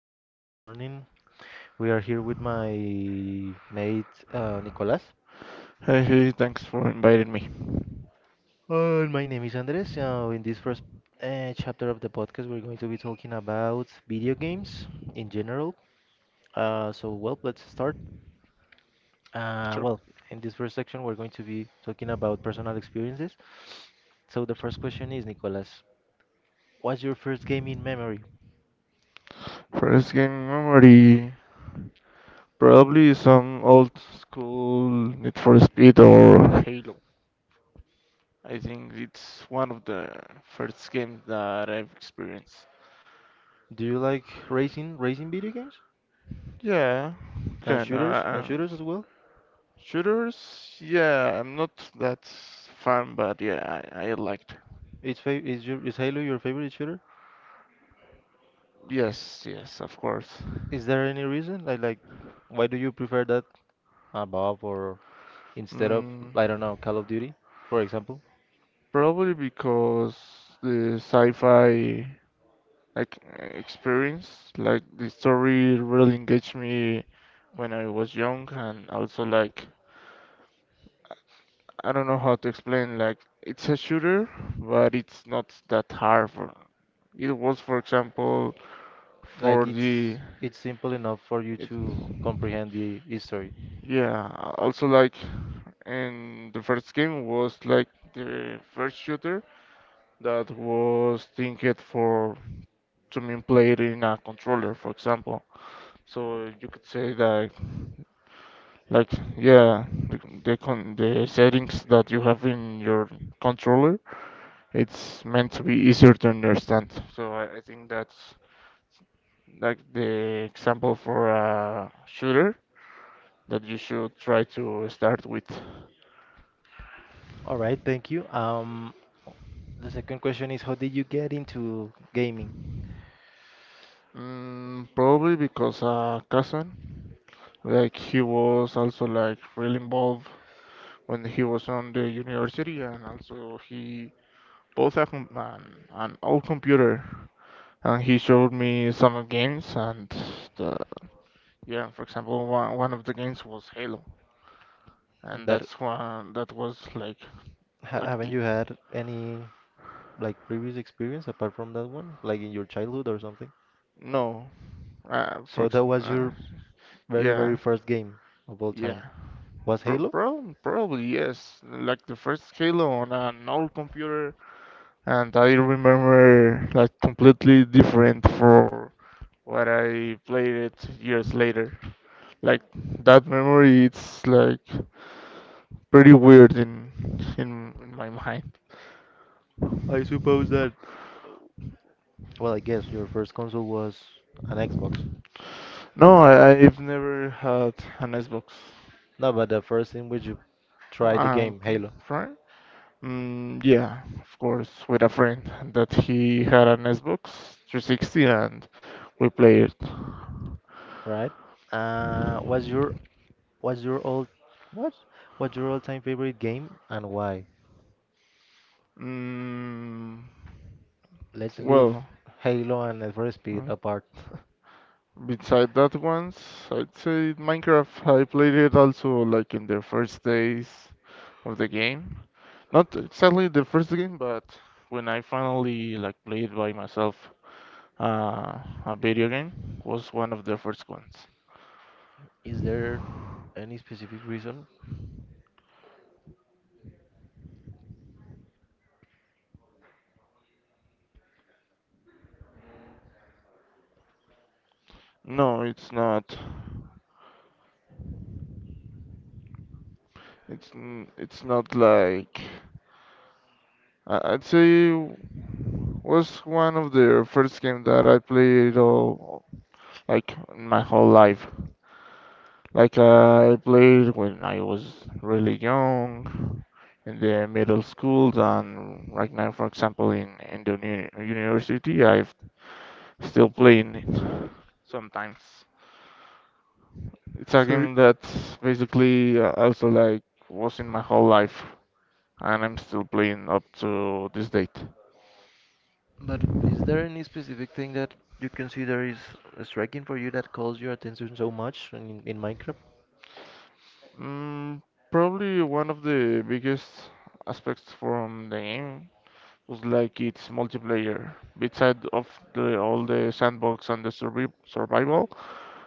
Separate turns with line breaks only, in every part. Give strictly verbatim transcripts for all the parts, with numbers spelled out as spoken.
so good morning. We are here with my mate uh, Nicolas.
Hey, hey, thanks for inviting me.
Uh, my name is Andres. So in this first uh, chapter of the podcast, we're going to be talking about video games in general. Uh, so well, let's start. Uh,
Sure.
well, in this first section, we're going to be talking about personal experiences. So the first question is, Nicolas, what's your first gaming memory?
First game memory, probably some old school Need for Speed or Halo. I think it's one of the first games that I've experienced.
Do you like racing, racing video games
Yeah,
and
kinda.
shooters and
Uh,
shooters as well?
shooters? Yeah, I'm not that fan, but yeah, I, I liked.
Is fa is your is Halo your favorite shooter?
Yes, yes, of course.
Is there any reason? Like, like, why do you prefer that above or instead of,
Mm.
I don't know, Call of Duty, for example?
Probably because the sci-fi like experience, like the story really engaged me when I was young, and also like I don't know how to explain. Like it's a shooter, but it's not that hard. For it was, for example, for
Like,
the
it's it's simple enough for you
it,
to comprehend the history.
yeah. Also like, and the first game was like the first shooter, that was thinked for to mean played in a controller, for example. So you could say that, like, yeah, the the, con the settings that you have in your controller, it's meant to be easier to understand. So I, I think that's like the example for a shooter that you should try to start with.
All right, thank you. Um, the second question is, how did you get into gaming?
Mm, probably because uh, cousin, like he was also like really involved when he was on the university, and also he both a com- an, an old computer, and he showed me some games, and the, yeah, for example, one, one of the games was Halo, and
That
that's one that was like
ha
like
haven't
the
you had any like previous experience apart from that one, like in your childhood or something?
no, uh, for
So
ex-
that was
uh,
your very, very
yeah.
first game of all
Yeah,
time. Was
Pro-
Halo?
prob- probably yes. Like the first Halo on an old computer, and I remember like completely different for what I played it years later. Like that memory, it's like pretty weird in in, in my mind.
I suppose that Well, I guess your first console was an Xbox.
No, I, I've never had an Xbox.
No, but the first in which you tried the
Um,
game, Halo,
Friend? Mm, yeah, of course, with a friend that he had an Xbox three sixty and we played it.
right? Uh, what's your what's your all what what's your all-time favorite game and why?
Mm,
Let's leave
well,
Halo and Need for Speed
huh?
apart.
Beside that ones, I'd say Minecraft. I played it also like in the first days of the game. Not exactly the first game, but when I finally like played by myself uh, a video game was one of the first ones.
Is there any specific reason?
No, it's not. It's n- it's not like I- I'd say was one of the first game that I played all like in my whole life. Like uh, I played when I was really young, in the middle schools, and right now, for example, in in the uni university, I'm still playing it sometimes. It's a
so
game that's basically uh, also like was in my whole life, and I'm still playing up to this date.
But is there any specific thing that you consider is striking for you that calls your attention so much in, in Minecraft?
Mm, probably one of the biggest aspects from the game just like it's multiplayer. Beside of the all the sandbox and the survi survival,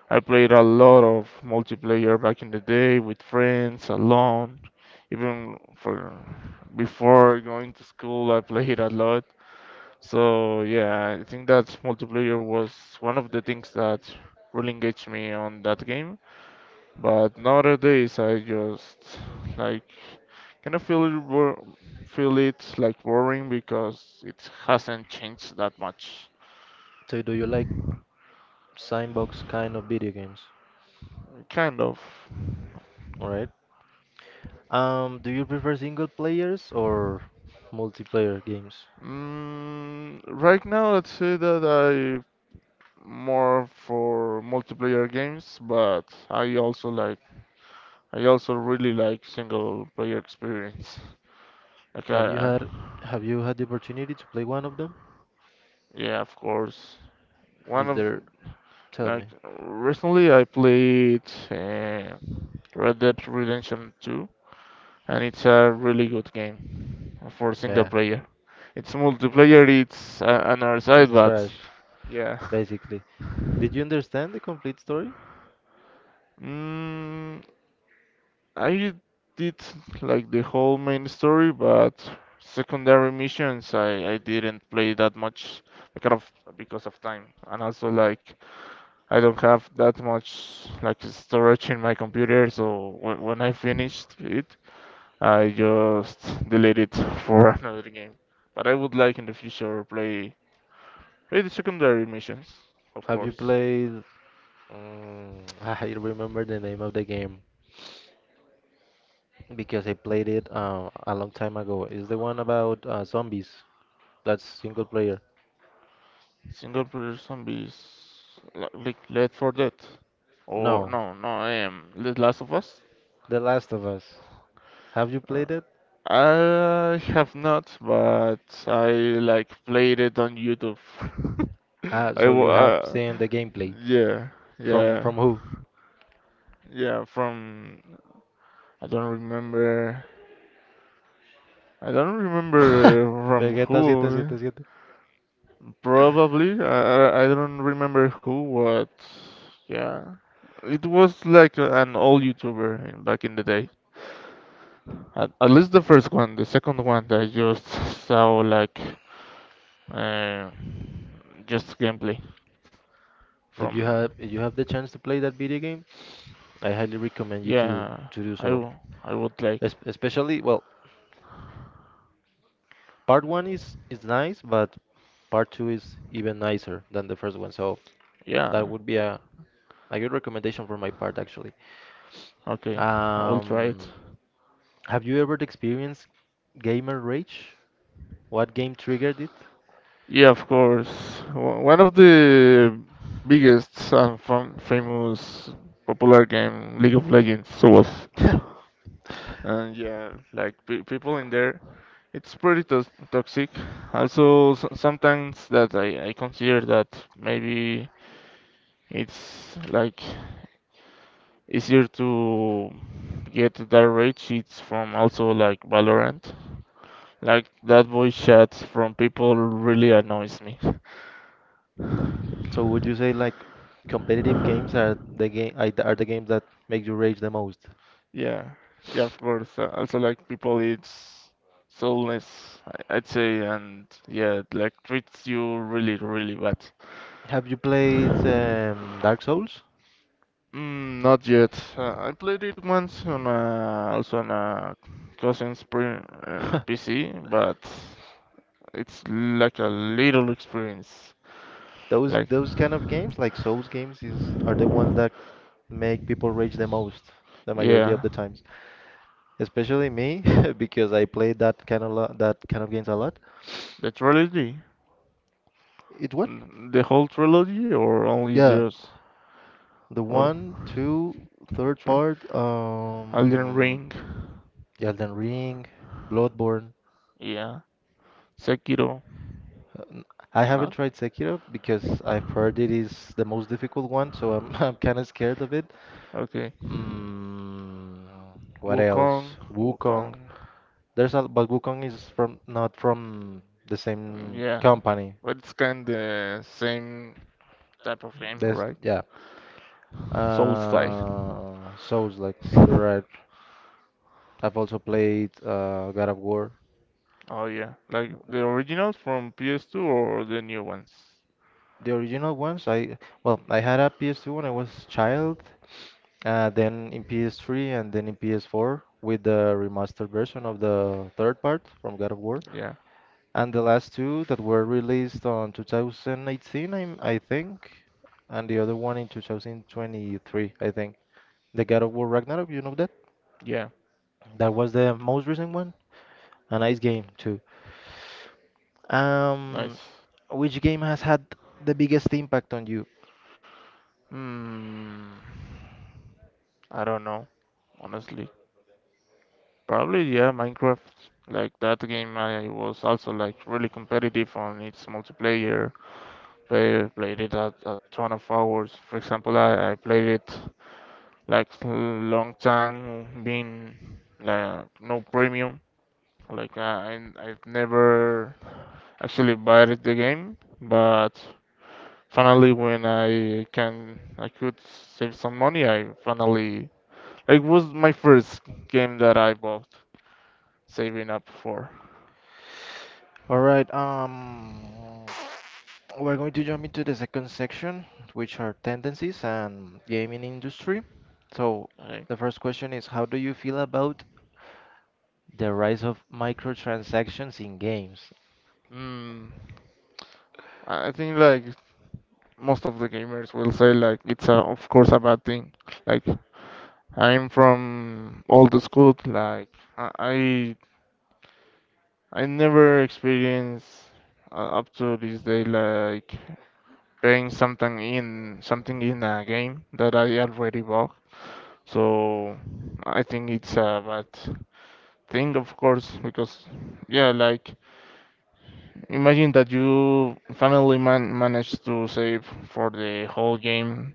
I played a lot of multiplayer back in the day with friends, alone. Even for before going to school, I played a lot. So yeah, I think that multiplayer was one of the things that really engaged me on that game. But nowadays I just like kind of feel it wo- feel it like worrying because it hasn't changed that much.
So do you like sandbox kind of video games?
Kind of.
All right. Um, do you prefer single players or multiplayer games?
Mm, right now, I'd say that I more for multiplayer games, but I also like I also really like single player experience. Like,
Have you
uh,
had have you had the opportunity to play one of them?
yeah, of course. One
Is
of
there, tell
like
me.
recently I played. Uh, Red Dead Redemption two, and it's a really good game for single
Yeah,
player. It's multiplayer, it's uh, another side,
it's
but
trash,
yeah.
basically. Did you understand the complete story?
Mm, I did like the whole main story, but secondary missions I, I didn't play that much because of because of time, and also like I don't have that much like storage in my computer, so when, when I finished it, I just delete it for another game. But I would like in the future play play the secondary missions, of
Have you
course.
played? Mm, I remember the name of the game. Because I played it uh, a long time ago. Is the one about uh, zombies? That's single player.
Single player zombies like, like Left for Dead or
No,
no no um The Last of Us.
The Last of Us. Have you played
Uh,
it?
I have not, but I like played it on YouTube.
Ah,
I
so you
wa-
have
uh,
seen the gameplay
yeah,
from
yeah,
from who?
yeah. from I don't remember, I don't remember from
Vegeta
who.
seven seven seven.
Probably. I, I I don't remember who, what. Yeah. It was like a- an old YouTuber in- back in the day. At, at least the first one. The second one that I just saw like uh, just gameplay
If you
from.
have if you have the chance to play that video game, I highly recommend you to
Yeah.
to do
I
so.
will. I would like.
Es especially, well, part one is is nice, but part two is even nicer than the first one. So
Yeah.
that would be a a good recommendation for my part, actually.
Okay. I will try it.
Um, have you ever experienced gamer rage? What game triggered it?
Yeah, of course. O- One of the biggest and fam famous popular game, League of Legends, was. And yeah, like pe people in there, it's pretty tos toxic. Also, s sometimes that I, I consider that maybe it's like easier to get that rate sheets from also like Valorant. Like that voice chats from people really annoys me.
So would you say like competitive games are the game are the games that make you rage the most?
Yeah, yeah, of course. Uh, Also, like people, it's soulless, I- I'd say, and yeah, it, like treats you really, really bad.
Have you played um, Dark Souls?
Mm, not yet. Uh, I played it once on a, also on a cousin's pre, uh, P C, but it's like a little experience.
Those
Like,
those kind of games like Souls games is are the ones that make people rage the most the majority of
yeah,
the time. Especially me because I played that kind of lo- that kind of games a lot.
the trilogy,
It what?
mm, the whole trilogy, or only
Yeah,
those,
the
or
one, two, third
three?
part,
Elden
um,
Ring,
Elden Ring, Bloodborne.
yeah, Sekiro,
I haven't
not
tried Sekiro because I've heard it is the most difficult one, so I'm I'm kind of scared of it.
okay.
Mm, what
Wukong,
else? Wukong.
Wukong,
There's a But Wukong is from not from the
mm,
same
yeah,
company.
but it's kind of the same type of game,
There's
right?
Yeah.
Souls like.
Uh, Souls, like you're right. I've also played uh, God of War,
Oh yeah, like the originals from P S two or the new ones?
the original ones. I well, I had a P S two when I was child, uh, then in P S three and then in P S four with the remastered version of the third part from God of War,
Yeah,
and the last two that were released on two thousand eighteen, I, I think, and the other one in two thousand twenty-three, I think. The God of War Ragnarok, you know that?
yeah,
That was the most recent one. A nice game too.
nice.
Um, which game has had the biggest impact on you?
Hmm, I don't know, honestly. Probably yeah, Minecraft. Like that game, I was also like really competitive on its multiplayer. Play, played it at a ton of hours. For example, I, I played it like long time being like no premium. Like I I I've never actually bought the game, but finally when I can I could save some money, I finally like was my first game that I bought saving up for.
All right, um, we're going to jump into the second section, which are tendencies and gaming industry. So,
Like,
the first question is, how do you feel about the rise of microtransactions in games?
mm, I think like most of the gamers will say like it's a, of course a bad thing. Like I'm from old school, like I I I never experienced uh, up to this day like playing something in something in a game that I already bought. So I think it's a bad thing, of course, because yeah, like imagine that you finally man manage to save for the whole game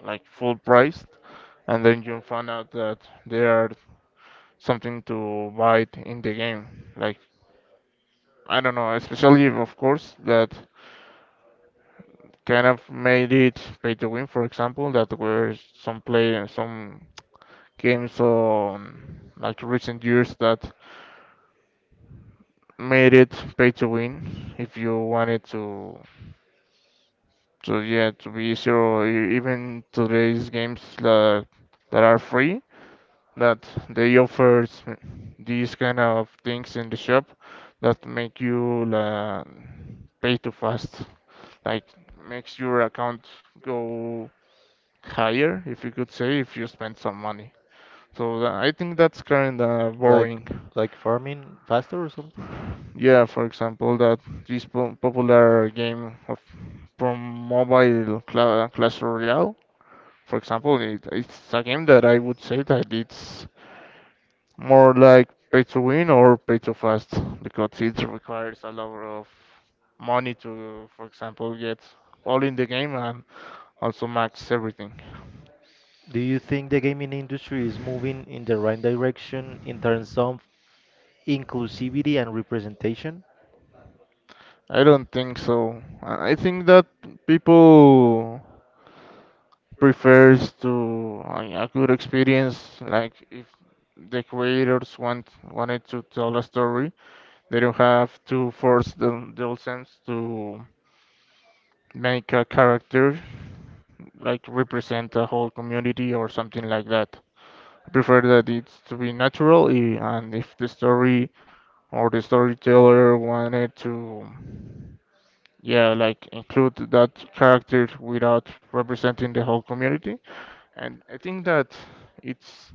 like full price, and then you find out that there are something to buy it in the game. Like I don't know, especially of course that kind of made it pay to win. For example, that where some play some games on like recent years that made it pay to win if you wanted to to yeah to be easier or e- even today's games that that are free that they offer s- these kind of things in the shop that make you uh, pay too fast like makes your account go higher if you could say if you spend some money so tha- I think that's kind of
Like,
boring.
like farming faster or something?
Yeah, for example, that this po- popular game of from mobile Cla Clash Royale, for example, it, it's a game that I would say that it's more like pay to win or pay to fast because it requires a lot of money to, for example, get all in the game and also max everything.
Do you think the gaming industry is moving in the right direction in terms of inclusivity and representation?
I don't think so. I I think that people prefers to a a good experience. Like if the creators want wanted to tell a story, they don't have to force the the audience to make a character like represent a whole community or something like that. I prefer that it's to be natural, i- and if the story or the storyteller wanted to, yeah, like include that character without representing the whole community, and I think that it's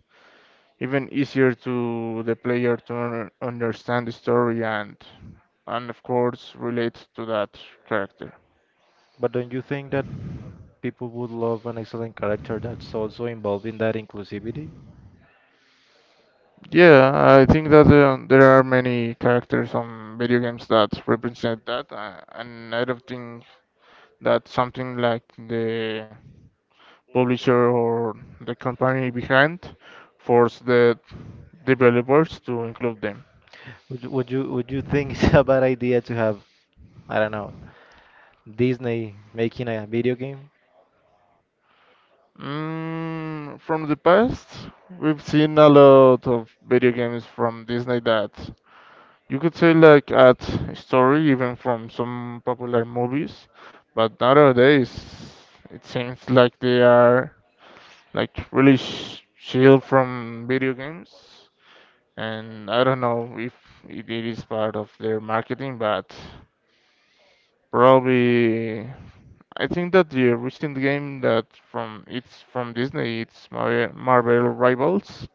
even easier to the player to un- understand the story and and of course relate to that character.
But don't you think that people would love an excellent character that's also involved in that inclusivity?
Yeah, I think that uh, there are many characters on video games that represent that, uh, and I don't think that something like the publisher or the company behind force the developers to include them.
Would you, would you would you think it's a bad idea to have, I don't know, Disney making a video game?
Mm, from the past, we've seen a lot of video games from Disney that you could say like at story even from some popular movies, but nowadays it seems like they are like really sh shield from video games, and I don't know if it is part of their marketing, but probably I think that the recent game that from it's from Disney, it's Mar Marvel Rivals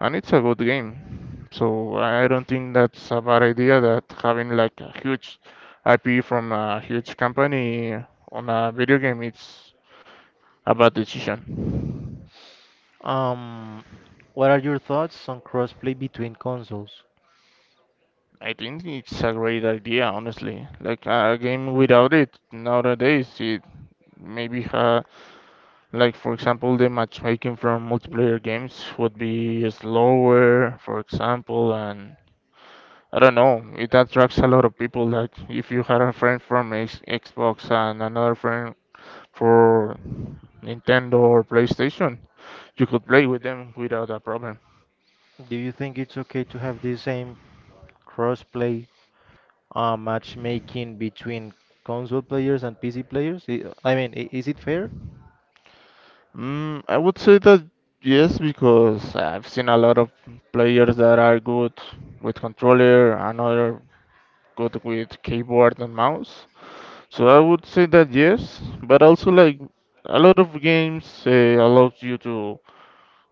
and it's a good game. So I I don't think that's a bad idea that having like a huge I P from a huge company on a video game it's a bad decision.
Um, what are your thoughts on crossplay between consoles?
I think it's a great idea, honestly. Like a game without it nowadays, it maybe ha like for example the matchmaking from multiplayer games would be slower, for example, and I don't know. It attracts a lot of people. Like if you had a friend from X- Xbox and another friend for Nintendo or PlayStation, you could play with them without a problem.
Do you think it's okay to have the same crossplay uh, matchmaking between console players and P C players? I I mean, i- is it fair?
Mm, I would say that yes, because I've seen a lot of players that are good with controller, another good with keyboard and mouse. So I would say that yes, but also like a lot of games uh, allows you to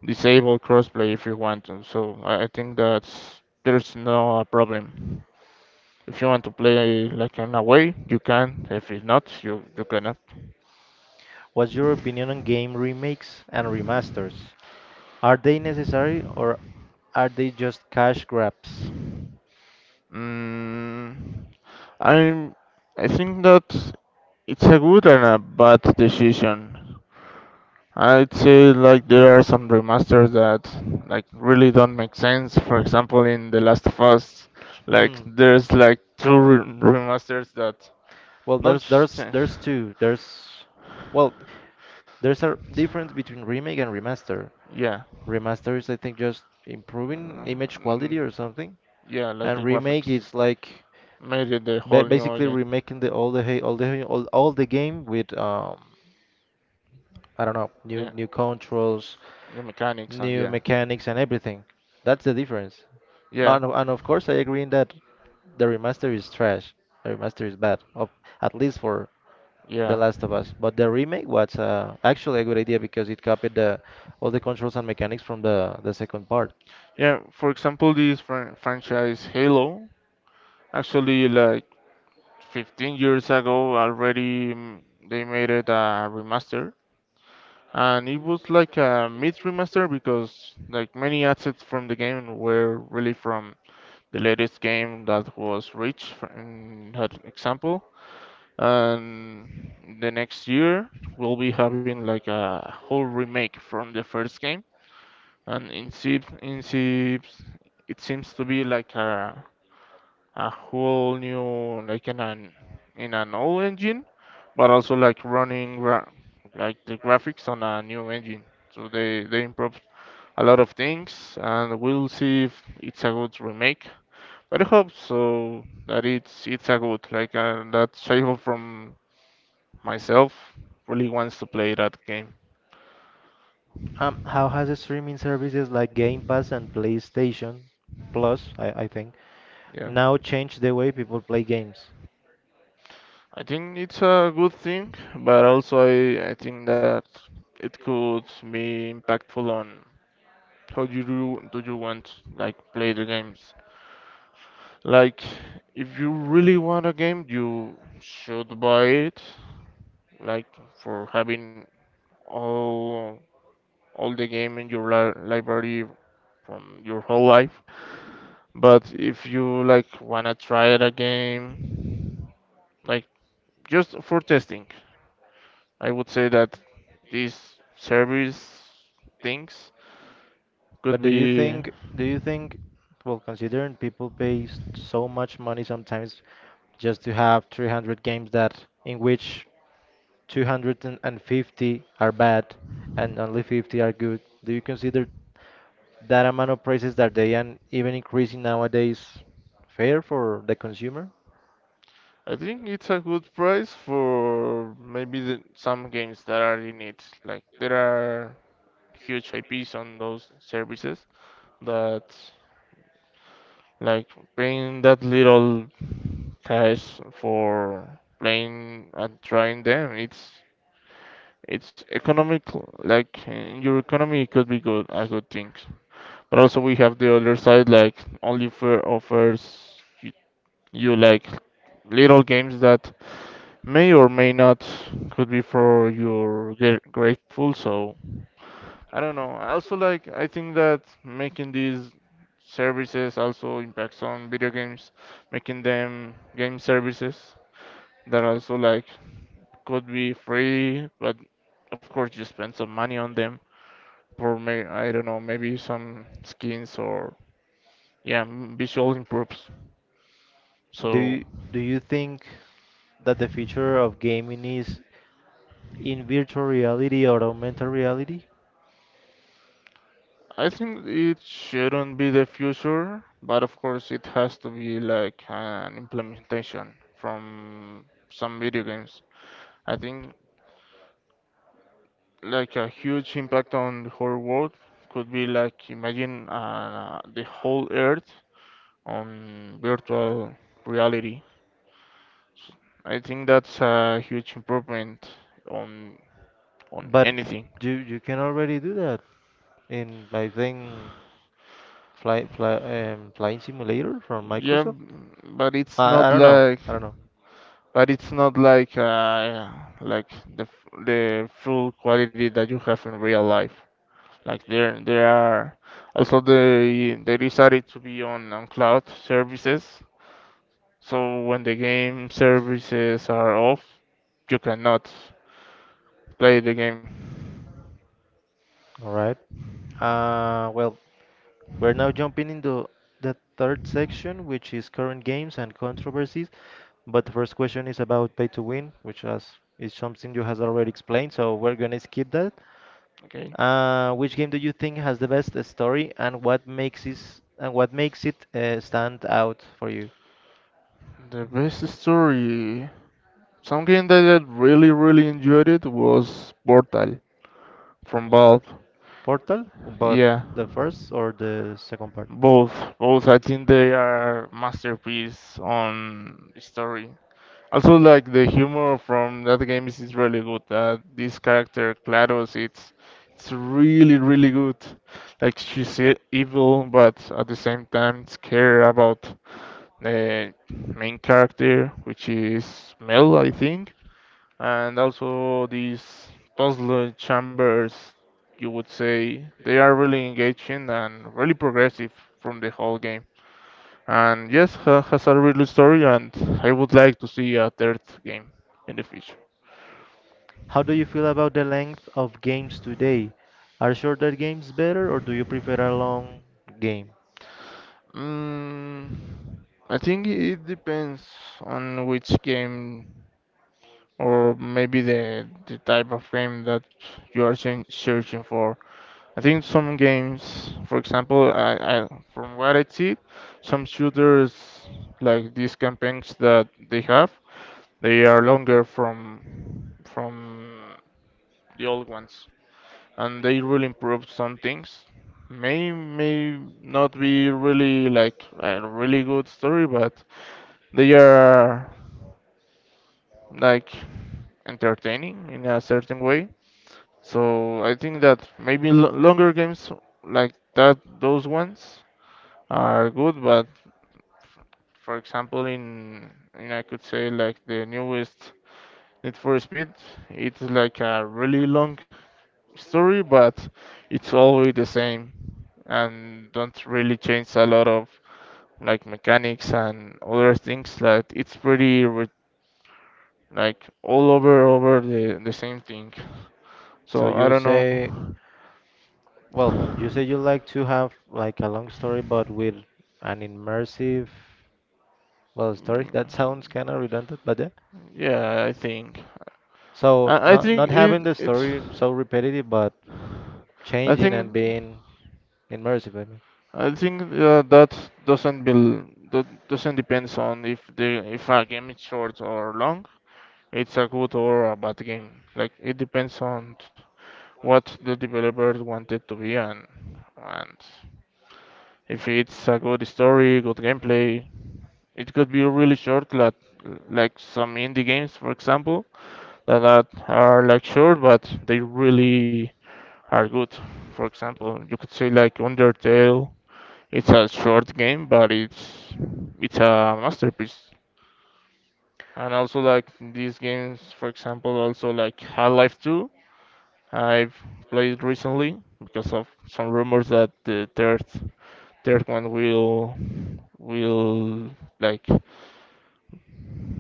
disable crossplay if you want to. So I, I think that's there's no uh, problem. If you want to play like in a way, you can. If it's not, you you cannot.
What's your opinion on game remakes and remasters? Are they necessary or are they just cash grabs?
Mm, I'm I think that it's a good and a bad decision. I'd say like there are some remasters that like really don't make sense. For example, in The Last of Us, like there's like two re- remasters that
Well,
don't
there's there's
change.
there's two. There's well, there's a difference between remake and remaster.
Yeah.
Remaster is, I think, just improving
Uh,
image quality
mm,
or something,
yeah, like
and
the
remake
graphics.
is like
Made it the
ba-
whole new
basically
again.
remaking the all the he- all the he- all, all the game with um I don't know,
Yeah,
new new controls,
new mechanics and
new
yeah.
mechanics, and everything. That's the difference.
Yeah,
But and of course, I agree in that the remaster is trash. The remaster is bad, of, at least for The
yeah.
Last of Us. But the remake was uh, actually a good idea because it copied the, all the controls and mechanics from the, the second part.
Yeah, for example, this fran franchise Halo, actually, like fifteen years ago already, mm, they made it a remaster. And it was like a mid remaster because like many assets from the game were really from the latest game that was rich for in that example, and the next year we'll be having like a whole remake from the first game, and in seems in seems it seems to be like a a whole new like in an in an old engine, but also like running gra like the graphics on a new engine. So they they improved a lot of things, and we'll see if it's a good remake. But I hope so that it's it's a good like uh, that Shaiho from myself really wants to play that game.
Um, how has the streaming services like Game Pass and PlayStation Plus, I, I think,
Yeah.
now changed the way people play games?
I think it's a good thing, but also I, I think that it could be impactful on how you do, do you want like play the games. Like if you really want a game, you should buy it. Like for having all all the game in your li library from your whole life. But if you like wanna try it a game like just for testing. I would say that these service things
But
could
do you
be.
think, do you think, well, considering people pay s- so much money sometimes just to have three hundred games that in which two hundred fifty are bad and only fifty are good, do you consider that amount of prices that they are even increasing nowadays fair for the consumer?
I think it's a good price for maybe the, some games that are in it. Like there are huge I Ps on those services that like paying that little cash for playing and trying them. It's it's economic like in your economy it could be good a good thing. But also we have the other side like only fair offers you like little games that may or may not could be for your gr- grateful. So I don't know. I also like I think that making these services also impacts on video games, making them game services that also like could be free but of course you spend some money on them for may I don't know maybe some skins or yeah m- visual improves.
Do
So
you, do you think that the future of gaming is in virtual reality or augmented reality?
I think it shouldn't be the future, but of course it has to be like an implementation from some video games. I think like a huge impact on the whole world could be like imagine uh, the whole Earth on virtual reality. I think that's a huge improvement on on
But
anything.
you you can already do that. In I think fly, fly um, flying simulator from
Yeah,
Microsoft.
but it's
I I
not
don't know.
like
I don't know.
but it's not like uh, like the f- the full quality that you have in real life. Like there there are also they they decided to be on, on cloud services. So when the game services are off, you cannot play the game.
All right. Uh, well, we're now jumping into the third section, which is current games and controversies. But the first question is about pay to win, which has, is something you has already explained, so we're gonna skip that.
Okay.
Uh, which game do you think has the best story, and what makes it and what makes it uh, stand out for you?
The best story, some game that I really really enjoyed it was Portal from Valve.
Portal, but
Yeah.
the first or the second part?
Both, both. I think they are masterpiece on story. Also, like the humor from that game is, is really good. Uh, this character GLaDOS, it's it's really really good. Like she's e- evil, but at the same time, it's care about the main character, which is Mel, I think, and also these puzzle chambers. You would say they are really engaging and really progressive from the whole game. And yes, ha- has a really good story, and I would like to see a third game in the future.
How do you feel about the length of games today? Are shorter games better or do you prefer a long game?
Mm, I think it depends on which game or maybe the the type of game that you are search- searching for. I think some games, for example, I, I from what I see, some shooters like these campaigns that they have, they are longer from from the old ones. And they really improved some things. May may not be really like a really good story, but they are like entertaining in a certain way. So I think that maybe lo longer games like that, those ones are good, but for example, in, in I could say like the newest Need for Speed, it's like a really long story, but it's always the same and don't really change a lot of like mechanics and other things. That it's pretty re- like all over over the the same thing.
So
So I
you
don't
say,
know.
well, you say you like to have like a long story but with an immersive, well,
Mm,
story. That sounds kind of redundant, but yeah.
yeah, I think.
So
I, I
not
think
not having
it
the
it's.
story so repetitive but
I
changing
think
and being immersive, I mean.
I think uh, that doesn't bel that doesn't depends on if the if a game is short or long. It's a good or a bad game. Like it depends on what the developers wanted to be, and and if it's a good story, good gameplay. It could be really short, like like some indie games, for example, that are are, like short but they really are good. For example, you could say like Undertale. It's a short game, but it's it's a masterpiece. And also like these games, for example, also like Half-Life two. I've played recently because of some rumors that the third third one will will like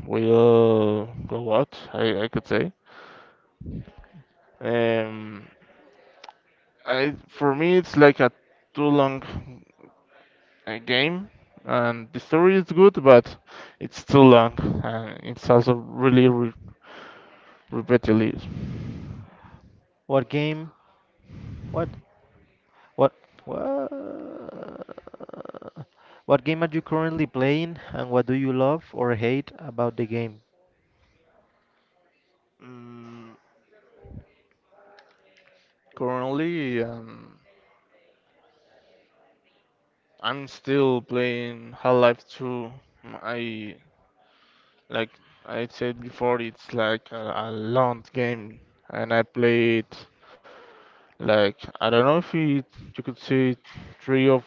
will go out. I, I could say. Um, I for me it's like a too long uh, game, and the story is good, but it's too long, and it's also really re repetitive.
What game What? What? What? What game are you currently playing, and what do you love or hate about the game?
Mm, currently, um, I'm still playing Half-Life two. I like I said before, it's like a, a long game, and I play it like I don't know if it, you could see three of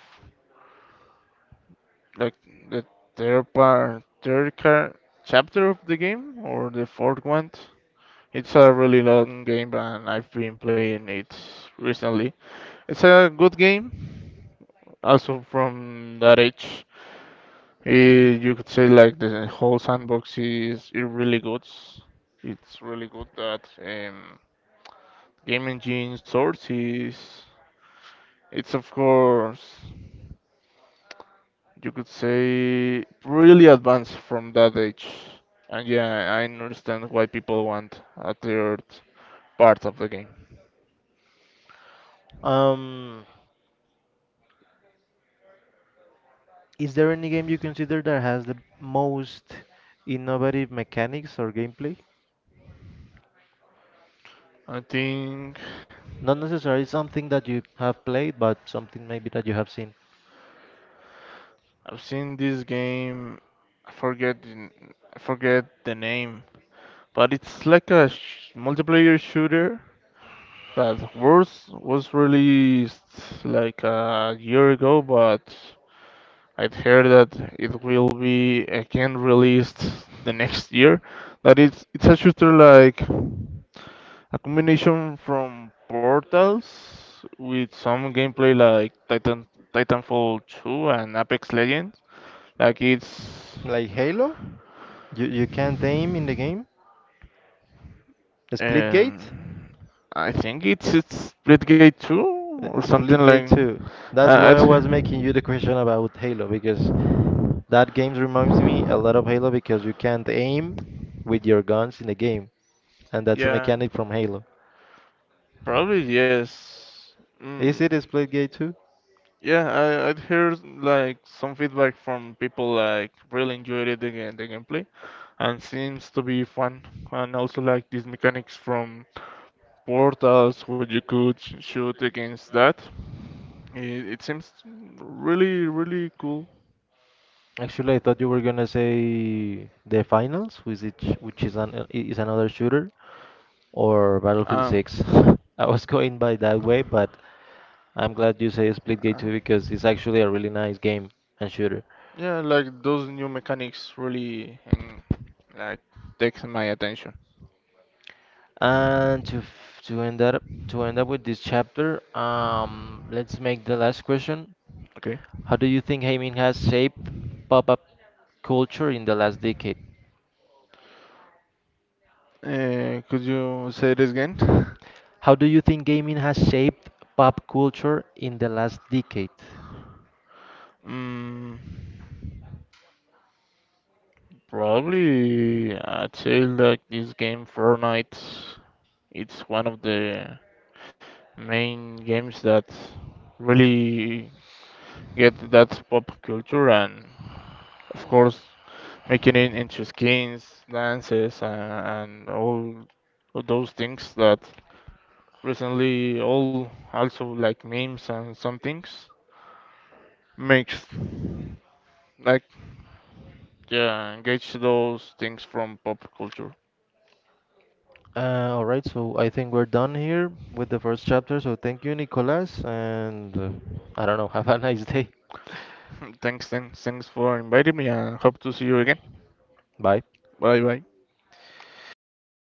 like the third part, third car, chapter of the game or the fourth one. It's a really long game, and I've been playing it recently. It's a good game, also from that age. Eh, you could say like the whole sandbox is is really good. It's really good that um, game engine sources. It's of course you could say really advanced from that age. And yeah, I understand why people want a third part of the game.
Um, is there any game you consider that has the most innovative mechanics or gameplay?
I think
Not necessarily something that you have played, but something maybe that you have seen.
I've seen this game. I forget the n- I forget the name, but it's like a sh multiplayer shooter that was was released like a year ago, but I'd heard that it will be again released the next year. That it's it's a shooter like a combination from Portals with some gameplay like Titan Titanfall two and Apex Legends. Like it's
Like Halo? You you can't aim in the game? Splitgate?
um I think it's it's Splitgate two
Uh,
or something
Splitgate
like
two. That's
uh,
why I was making you the question
I'd,
about Halo because That game reminds me a lot of Halo because you can't aim with your guns in the game, and that's a
yeah,
mechanic from Halo.
probably yes. Mm,
Is it a split gate too?
yeah, I, I'd heard like some feedback from people like really enjoyed it the game, the gameplay and seems to be fun and also like these mechanics from portals what you could sh- shoot against that. It, it seems really really cool.
Actually, I thought you were gonna say the finals, which is, which is an is another shooter, or Battlefield
Um,
six. I was going by that way, but I'm glad you say
uh,
Splitgate two because it's actually a really nice game and shooter.
yeah, like those new mechanics really mm, like takes my attention.
And to f- to end up to end up with this chapter, um, let's make the last question.
Okay,
How do you think gaming has shaped pop-up culture in the last decade?
uh, could you say this again?
How do you think gaming has shaped pop culture in the last decade?
Mm, probably I'd say like this game Fortnite. It's one of the main games that really get that pop culture and of course making it into skins, dances, and, and all of those things that recently all also like memes and some things makes like yeah engage those things from pop culture.
Uh, all right, so I think we're done here with the first chapter. So thank you, Nicolas, and uh, I don't know, have a nice day.
Thanks, thanks, thanks for inviting me and hope to see you again.
Bye.
Bye bye.